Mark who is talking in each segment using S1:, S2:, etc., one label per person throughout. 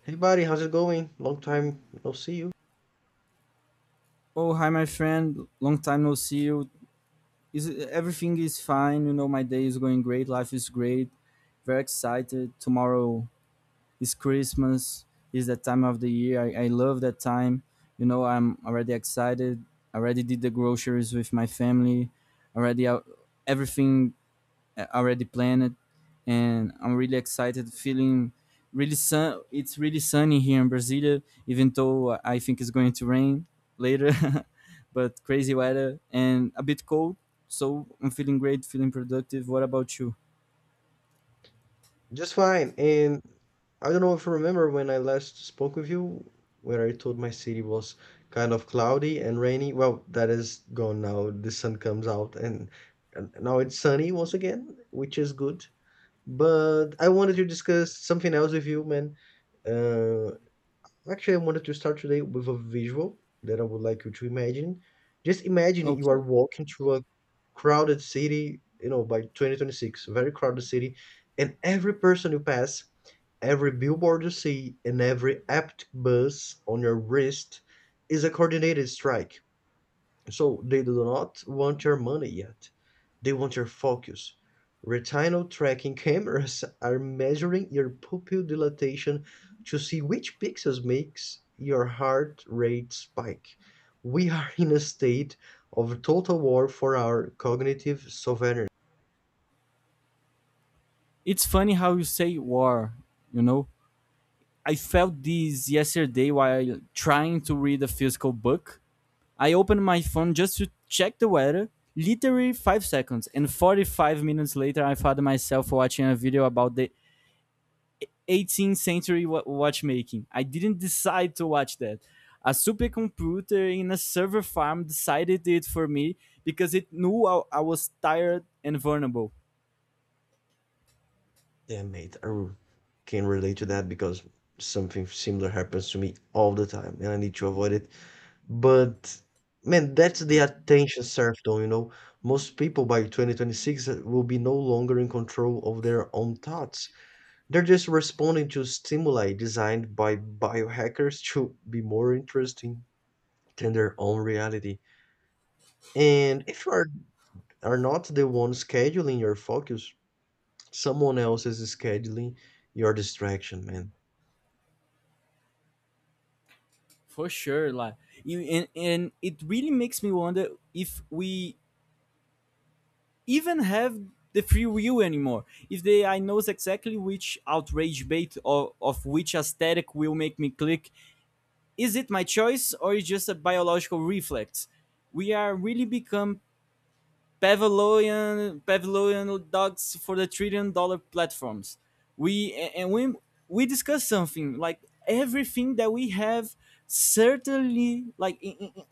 S1: Hey buddy, how's it going? Long time no see you.
S2: Oh, hi, my friend. Long time no see you. Is everything is fine? You know, my day is going great. Life is great. Very excited. Tomorrow is Christmas. Is that time of the year? I love that time. You know, I'm already excited. Already did the groceries with my family. Already out, everything already planned, and I'm really excited. Feeling really sun. It's really sunny here in Brasilia, even though I think it's going to rain later, but crazy weather and a bit cold. So I'm feeling great, feeling productive. What about you?
S1: Just fine. And I don't know if you remember when I last spoke with you, where I told my city was kind of cloudy and rainy. Well, that is gone now. The sun comes out and now it's sunny once again, which is good. But I wanted to discuss something else with you, man. Uh, Actually I wanted to start today with a visual that I would like you to imagine. Just imagine you are
S2: Okay.
S1: walking through a crowded city, you know, by 2026, a very crowded city, and every person you pass, every billboard you see, and every apt buzz on your wrist is a coordinated strike. So they do not want your money yet. They want your focus. Retinal tracking cameras are measuring your pupil dilatation to see which pixels makes your heart rate spike. We are in a state of total war for our cognitive sovereignty.
S2: It's funny how you say war, you know? I felt this yesterday while trying to read a physical book. I opened my phone just to check the weather. Literally 5 seconds, and 45 minutes later, I found myself watching a video about the 18th century watchmaking. I didn't decide to watch that. A supercomputer in a server farm decided it for me because it knew I was tired and vulnerable.
S1: Yeah, mate, I can relate to that because something similar happens to me all the time and I need to avoid it. But man, that's the attention serfdom, you know. Most people by 2026 will be no longer in control of their own thoughts. They're just responding to stimuli designed by biohackers to be more interesting than their own reality. And if you are not the one scheduling your focus, someone else is scheduling your distraction, man.
S2: For sure, like you, and it really makes me wonder if we even have the free will anymore. If the I knows exactly which outrage bait or of which aesthetic will make me click, is it my choice or is just a biological reflex? We are really become Pavlovian dogs for the trillion dollar platforms. We and we we discuss something like everything that we have certainly like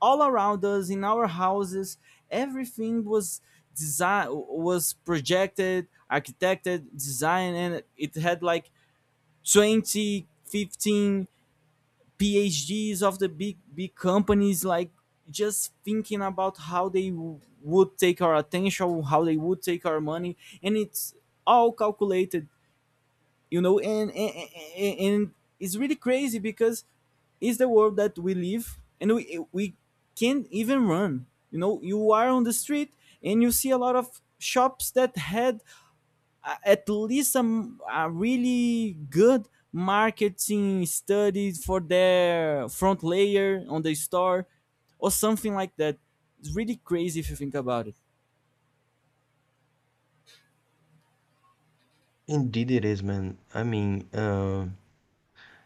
S2: all around us in our houses, everything was design, was projected, architected, designed, and it had like 20, 15 phds of the big companies, like just thinking about how they would take our attention, how they would take our money, and it's all calculated, you know, and it's really crazy because it's the world that we live and we can't even run, you know. You are on the street and you see a lot of shops that had, at least some a really good marketing studies for their front layer on the store or something like that. It's really crazy if you think about it.
S1: Indeed, it is, man. I mean, uh,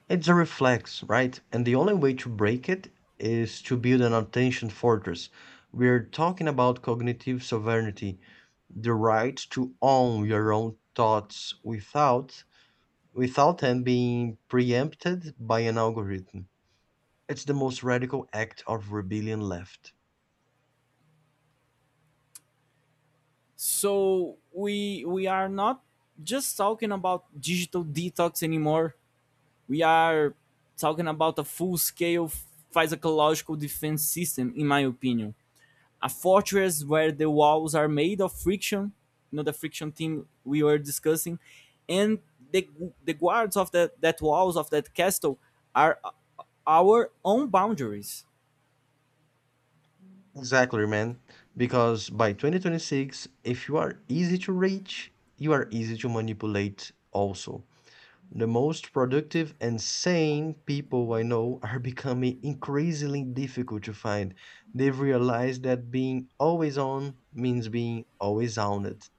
S1: It's a reflex, right? And the only way to break it is to build an attention fortress. We're talking about cognitive sovereignty, the right to own your own thoughts without them being preempted by an algorithm. It's the most radical act of rebellion left.
S2: So we are not just talking about digital detox anymore. We are talking about a full scale physiological defense system, in my opinion. A fortress where the walls are made of friction, you know, the friction thing we were discussing, and the, the guards of that walls of that castle are our own boundaries.
S1: Exactly, man. Because by 2026, if you are easy to reach, you are easy to manipulate also. The most productive and sane people I know are becoming increasingly difficult to find. They've realized that being always on means being always owned.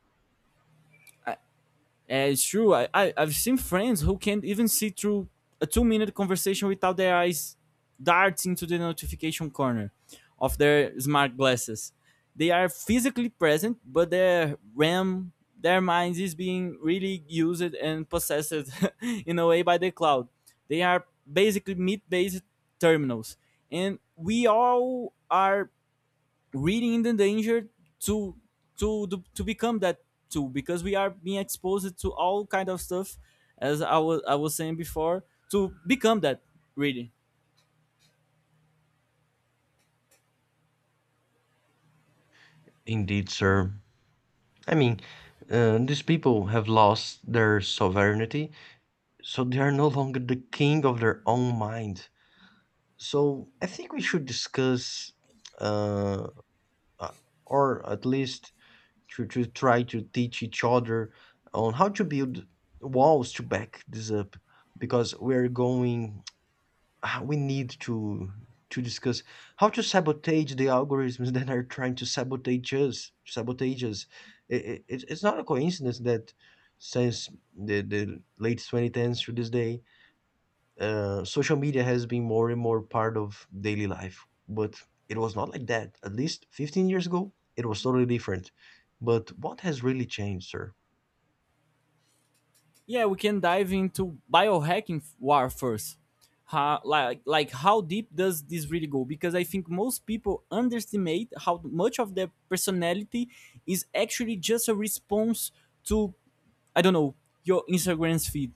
S2: And it's true. I, I've seen friends who can't even see through a 2 minute conversation without their eyes darting to the notification corner of their smart glasses. They are physically present, but their RAM, their minds is being really used and possessed in a way by the cloud. They are basically meat based terminals. And we all are reading in the danger to to become that too because we are being exposed to all kind of stuff, as I was saying before, to become that really.
S1: Indeed, sir. I mean, these people have lost their sovereignty, so they are no longer the king of their own mind. So I think we should discuss, uh, uh, or at least to try to teach each other on how to build walls to back this up, because we're going. We need to discuss how to sabotage the algorithms that are trying to sabotage us. Sabotage us. It's not a coincidence that since the late 2010s to this day, social media has been more and more part of daily life, but it was not like that at least 15 years ago. It was totally different. But what has really changed, sir?
S2: Yeah, we can dive into biohacking war first. How, like how deep does this really go, because I think most people underestimate how much of their personality is actually just a response to, I don't know, your Instagram's feed.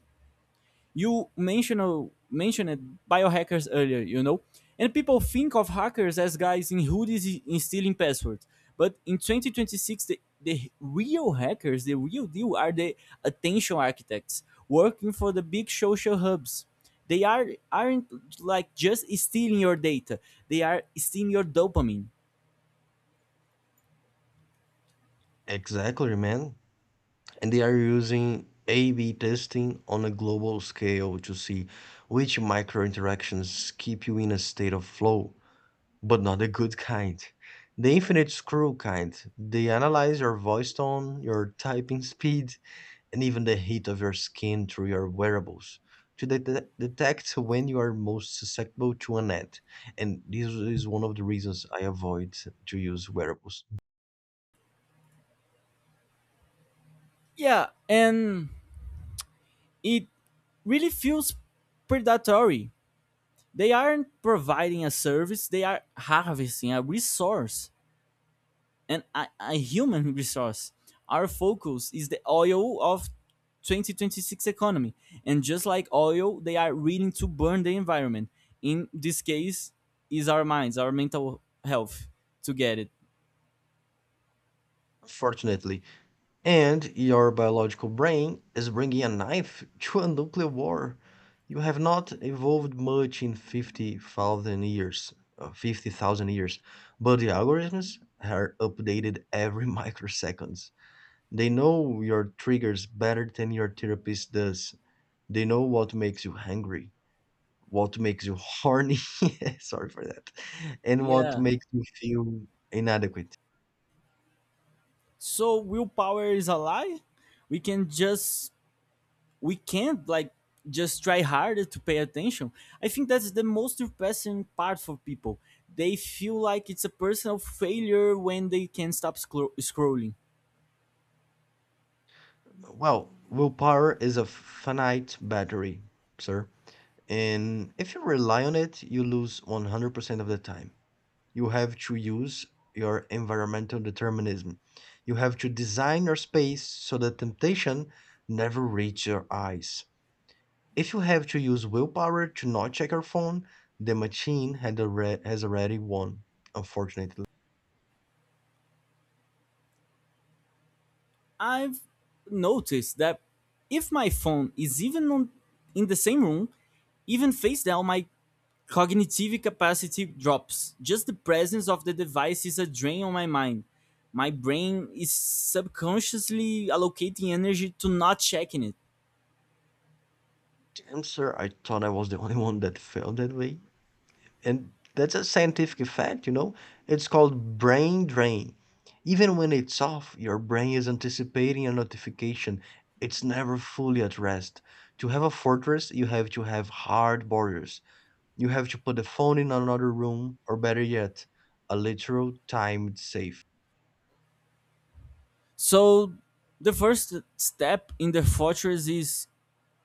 S2: You mentioned biohackers earlier, you know, and people think of hackers as guys in hoodies in stealing passwords. But in 2026, the real hackers, the real deal, are the attention architects working for the big social hubs. They aren't like just stealing your data; they are stealing your dopamine.
S1: Exactly, man. And they are using a-b testing on a global scale to see which micro interactions keep you in a state of flow, but not the good kind. The infinite screw kind. They analyze your voice tone, your typing speed, and even the heat of your skin through your wearables to detect when you are most susceptible to an ad. And this is one of the reasons I avoid to use wearables,
S2: Yeah, and it really feels predatory. They aren't providing a service, they are harvesting a resource, and a human resource. Our focus is the oil of 2026 economy. And just like oil, they are willing to burn the environment. In this case, is our minds, our mental health, to get it.
S1: unfortunately. And your biological brain is bringing a knife to a nuclear war. You have not evolved much in 50,000 years, but the algorithms are updated every microseconds. They know your triggers better than your therapist does. They know what makes you hungry, what makes you horny, sorry for that, and what
S2: Yeah.
S1: makes you feel inadequate.
S2: So willpower is a lie. We can just we can't like just try harder to pay attention. I think that's the most depressing part for people. They feel like it's a personal failure when they can't stop scrolling.
S1: Well, willpower is a finite battery, sir. And if you rely on it, you lose 100% of the time. You have to use your environmental determinism. You have to design your space so the temptation never reaches your eyes. If you have to use willpower to not check your phone, the machine has already won, unfortunately.
S2: I've noticed that if my phone is even on, in the same room, even face down, my cognitive capacity drops. Just the presence of the device is a drain on my mind. My brain is subconsciously allocating energy to not checking it.
S1: Damn, sir, I thought I was the only one that felt that way. And that's a scientific fact, you know? It's called brain drain. Even when it's off, your brain is anticipating a notification. It's never fully at rest. To have a fortress, you have to have hard borders. You have to put the phone in another room, or better yet, a literal timed safe.
S2: So the first step in the fortress is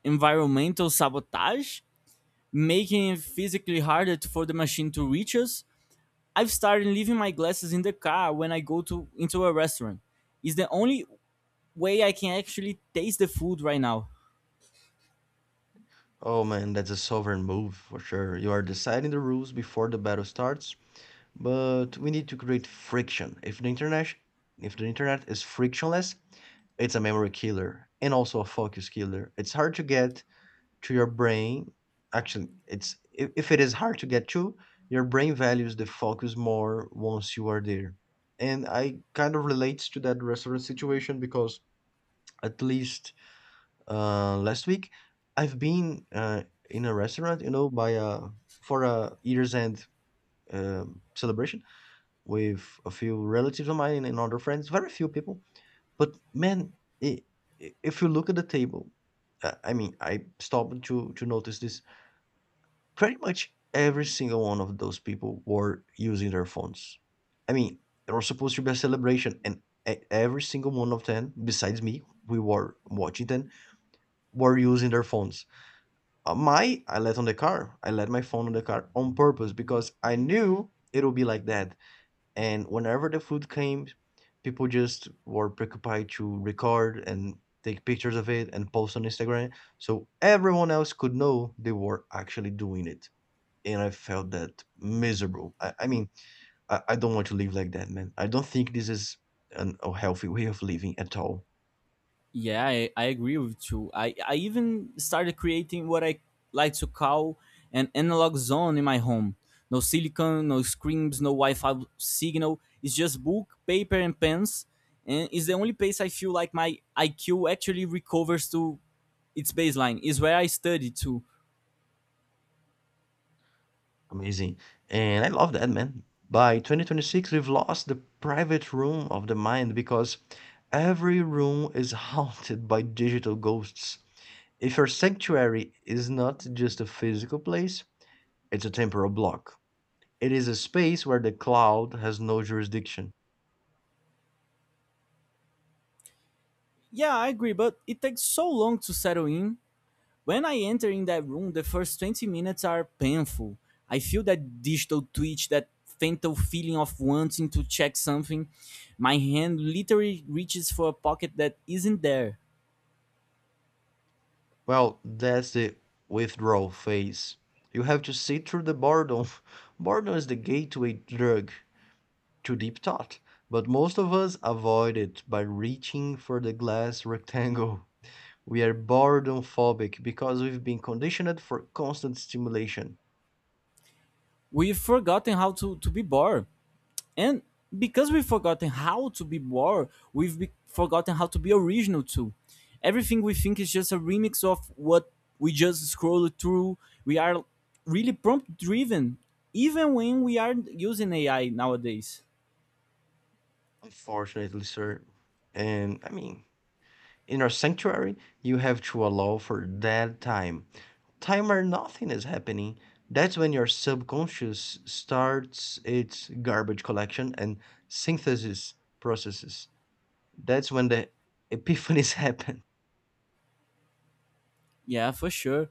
S2: environmental sabotage, making it physically harder for the machine to reach us. I've started leaving my glasses in the car when I go to into a restaurant. It's the only way I can actually taste the food right now.
S1: Oh man, that's a sovereign move for sure. You are deciding the rules before the battle starts, but we need to create friction. If the internet is frictionless, it's a memory killer and also a focus killer. It's hard to get to your brain. Actually, it's if it is hard to get to, your brain values the focus more once you are there. And I kind of relates to that restaurant situation because at least, last week, I've been, in a restaurant, you know, by a for a year's end celebration with a few relatives of mine and other friends, very few people. But man, i i- if you look at the table, I stopped to notice this. Pretty much every single one of those people were using their phones. I mean, there was supposed to be a celebration, and every single one of them, besides me, we were watching them, were using their phones. My I left on the car. I let my phone on the car on purpose because I knew it would be like that. And whenever the food came, people just were preoccupied to record and take pictures of it and post on Instagram. So everyone else could know they were actually doing it. And I felt that miserable. I mean, I don't want to live like that, man. I don't think this is a healthy way of living at all.
S2: Yeah, I agree with you. I even started creating what I like to call an analog zone in my home. No silicon, no screens, no Wi Fi signal. It's just book, paper, and pens. And it's the only place I feel like my IQ actually recovers to its baseline, is where I study too.
S1: Amazing. And I love that, man. By 2026, we've lost the private room of the mind because every room is haunted by digital ghosts. If your sanctuary is not just a physical place, it's a temporal block. It is a space where the cloud has no jurisdiction.
S2: Yeah, I agree, but it takes so long to settle in. When I enter in that room, the first 20 minutes are painful. I feel that digital twitch, that fatal feeling of wanting to check something. My hand literally reaches for a pocket that isn't there.
S1: Well, that's the withdrawal phase. You have to sit through the boredom. Boredom is the gateway drug to deep thought, but most of us avoid it by reaching for the glass rectangle. We are boredom phobic because we've been conditioned for constant stimulation,
S2: We've forgotten how to be bored. And because we've forgotten how to be bored, we've forgotten how to be original too. Everything we think is just a remix of what we just scrolled through. We are really prompt driven, even when we are using AI nowadays.
S1: unfortunately, sir. And I mean, in our sanctuary, you have to allow for dead time. Time where nothing is happening. That's when your subconscious starts its garbage collection and synthesis processes. That's when the epiphanies happen.
S2: Yeah, for sure.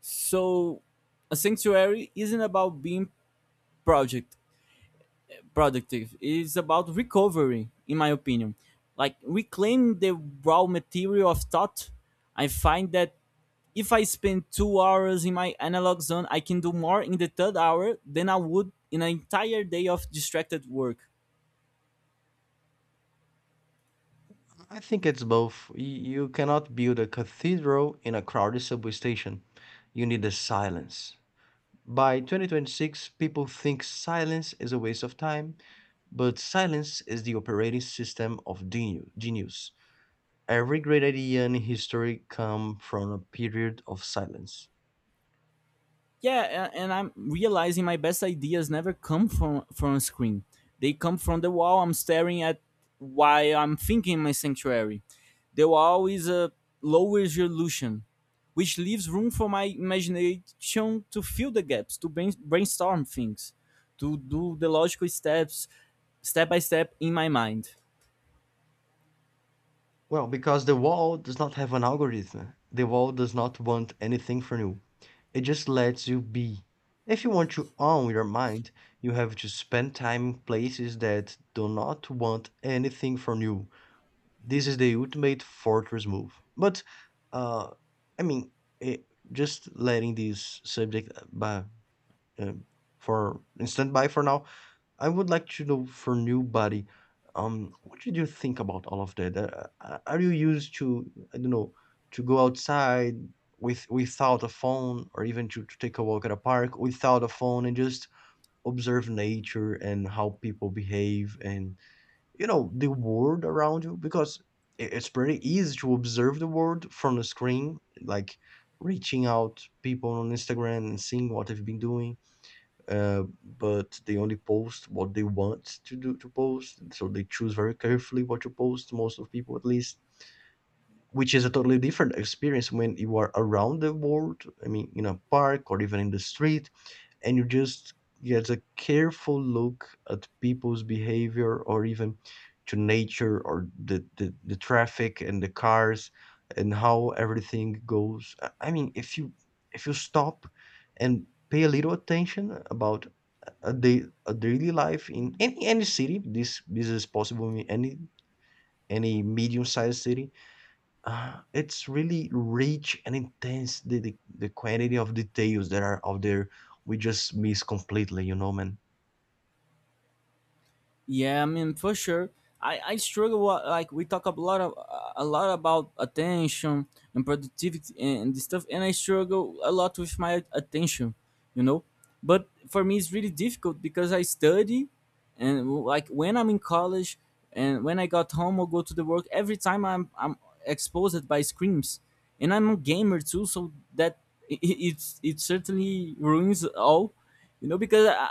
S2: So a sanctuary isn't about being project productive. It's about recovery, in my opinion. Like reclaim the raw material of thought. I find that if I spend 2 hours in my analog zone, I can do more in the third hour than I would in an entire day of distracted work.
S1: I think it's both. You cannot build a cathedral in a crowded subway station. You need the silence. By 2026, people think silence is a waste of time, but silence is the operating system of genius. Every great idea in history comes from a period of silence.
S2: Yeah, a- and I'm realizing my best ideas never come from a screen. They come from the wall I'm staring at while I'm thinking. In my sanctuary, the wall is a low resolution, which leaves room for my imagination to fill the gaps, to brainstorm things, to do the logical steps step by step in my mind.
S1: Well, because the wall does not have an algorithm. The wall does not want anything from you. It just lets you be. If you want to own your mind, you have to spend time in places that do not want anything from you. This is the ultimate fortress move. But, uh, I mean, eh, just letting this subject, um, for in standby for now. I would like to know for new body, what did you think about all of that? Are you used to, I don't know, to go outside without a phone or even to take a walk at a park without a phone and just observe nature and how people behave and, you know, the world around you? Because it's pretty easy to observe the world from the screen, like reaching out people on Instagram and seeing what they've been doing, but they only post what they want to do to post, so they choose very carefully what to post, most of people at least, which is a totally different experience when you are around the world. I mean, in a park or even in the street, and you just get a careful look at people's behavior or even to nature or the traffic and the cars and how everything goes. I mean, if you stop and pay a little attention about a daily life in any city, this is possible in any medium-sized city. It's really rich and intense, the quantity of details that are out there we just miss completely, you know, man.
S2: Yeah, I mean for sure. I struggle like we talk a lot about attention and productivity and this stuff, and I struggle a lot with my attention, you know. But for me, it's really difficult because I study, and like when I'm in college and when I got home or go to the work, every time I'm exposed by screens, and I'm a gamer too, so that it certainly ruins all, you know, because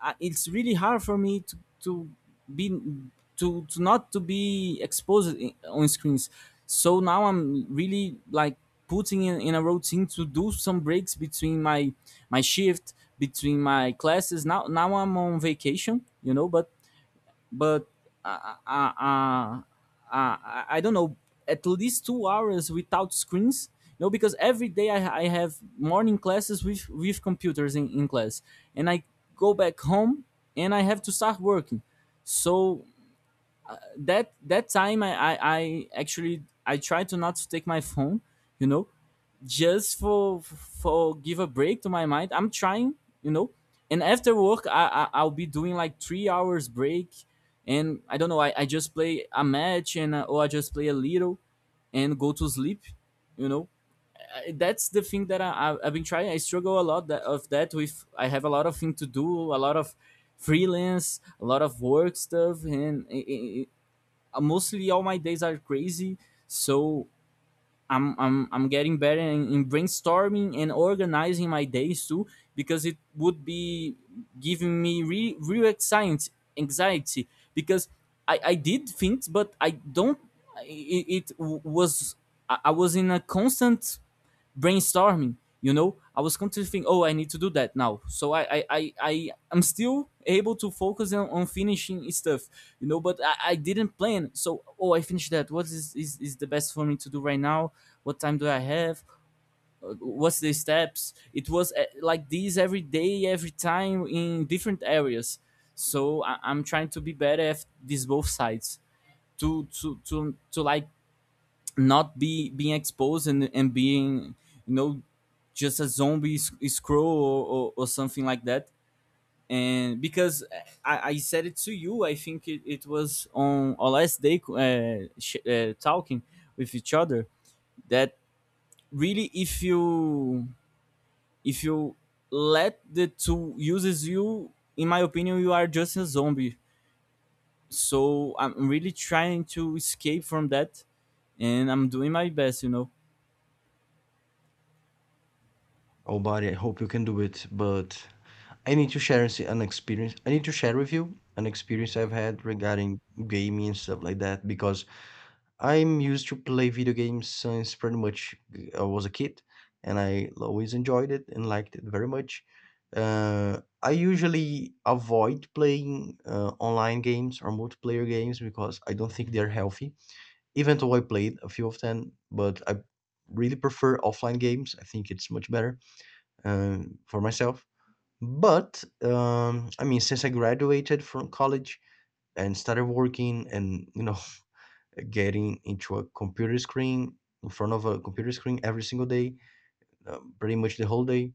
S2: I, it's really hard for me to be to not to be exposed on screens. So now I'm really like putting in a routine to do some breaks between my shift, between my classes. Now I'm on vacation, you know, but uh, uh, uh, uh, I don't know, at least 2 hours without screens. You know, because every day I have morning classes with computers in class, and I go back home and I have to start working. So that time I actually I try to not to take my phone, you know, just for give a break to my mind. I'm trying, you know. And after work, I I'll be doing like 3 hours break, and I don't know. I just play a match and or I just play a little, and go to sleep. You know, that's the thing that I, I've been trying. I struggle a lot that, of that with. I have a lot of thing to do, a lot of freelance, a lot of work stuff, and mostly all my days are crazy. So I'm getting better in brainstorming and organizing my days too because it would be giving me real anxiety because I did things but I don't, it was, I was in a constant brainstorming, you know. I was constantly thinking, oh, I need to do that now, so I am still able to focus on finishing stuff, you know. But I didn't plan, so oh, I finished that, what is is the best for me to do right now, what time do I have? Uh, what's the steps? It was like this every day, every time in different areas. So I, I'm trying to be better at these both sides, to to to to like not be being exposed, and, being, you know, just a zombie scroll or something like that. And because I said it to you, I think it was on our last day, talking with each other, that really, if you, if you let the two uses you, in my opinion, you are just a zombie. So I'm really trying to escape from that, and I'm doing my best, you know.
S1: Oh buddy, I hope you can do it, but I need to share with you an experience I've had regarding gaming and stuff like that because I'm used to play video games since pretty much, I was a kid, and I always enjoyed it and liked it very much. I usually avoid playing, online games or multiplayer games because I don't think they're healthy. Even though I played a few of them, but I really prefer offline games. I think it's much better, for myself. But I mean, since I graduated from college and started working, and you know getting into a computer screen, in front of a computer screen every single day, pretty much the whole day.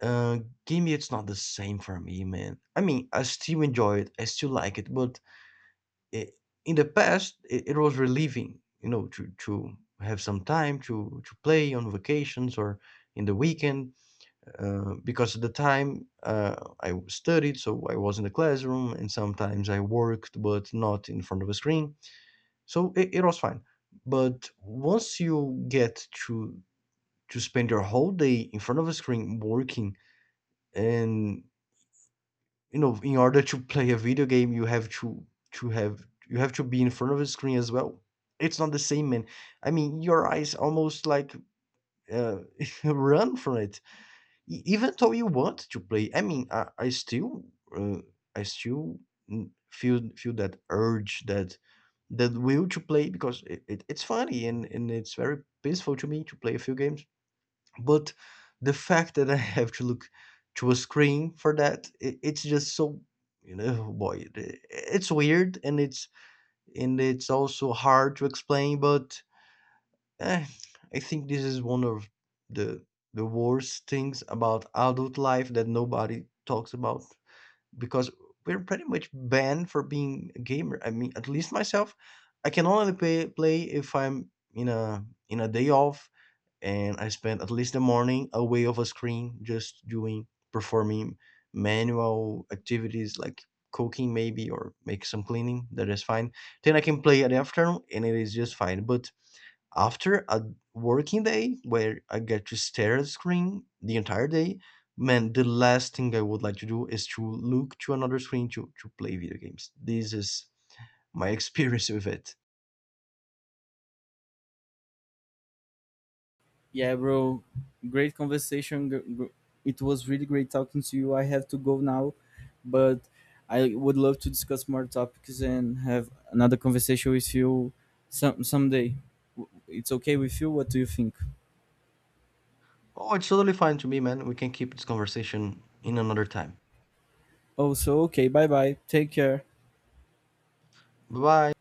S1: Uh, Gaming, it's not the same for me, man. I mean, I still enjoy it, I still like it, but it, in the past, it was relieving, you know, to have some time to play on vacations or in the weekend, because at the time I studied, so I was in the classroom, and sometimes I worked, but not in front of a screen, so it was fine. But once you get to spend your whole day in front of a screen working and, you know, in order to play a video game, you have to be in front of a screen as well. It's not the same, man. I mean, your eyes almost like, uh, run from it. Even though you want to play. I mean, uh, I still feel that urge, that the will to play, because it's funny, and it's very peaceful to me to play a few games. But the fact that I have to look to a screen for that, it's just so, you know, boy, it, it's weird and it's also hard to explain. But, eh, I think this is one of the the worst things about adult life that nobody talks about because we're pretty much banned for being a gamer. I mean, at least myself, I can only play if I'm in a day off and I spend at least the morning away of a screen, just doing performing manual activities like cooking maybe or make some cleaning. That is fine. Then I can play at the afternoon and it is just fine. But after a working day where I get to stare at a screen the entire day, man, the last thing I would like to do is to look to another screen to play video games. This is my experience with it.
S2: Yeah, bro. Great conversation. It was really great talking to you. I have to go now, but I would love to discuss more topics and have another conversation with you someday. It's okay with you? What do you think?
S1: Oh, it's totally fine to me, man. We can keep this conversation in another time.
S2: Oh, so okay. Bye bye. Take care.
S1: Bye bye.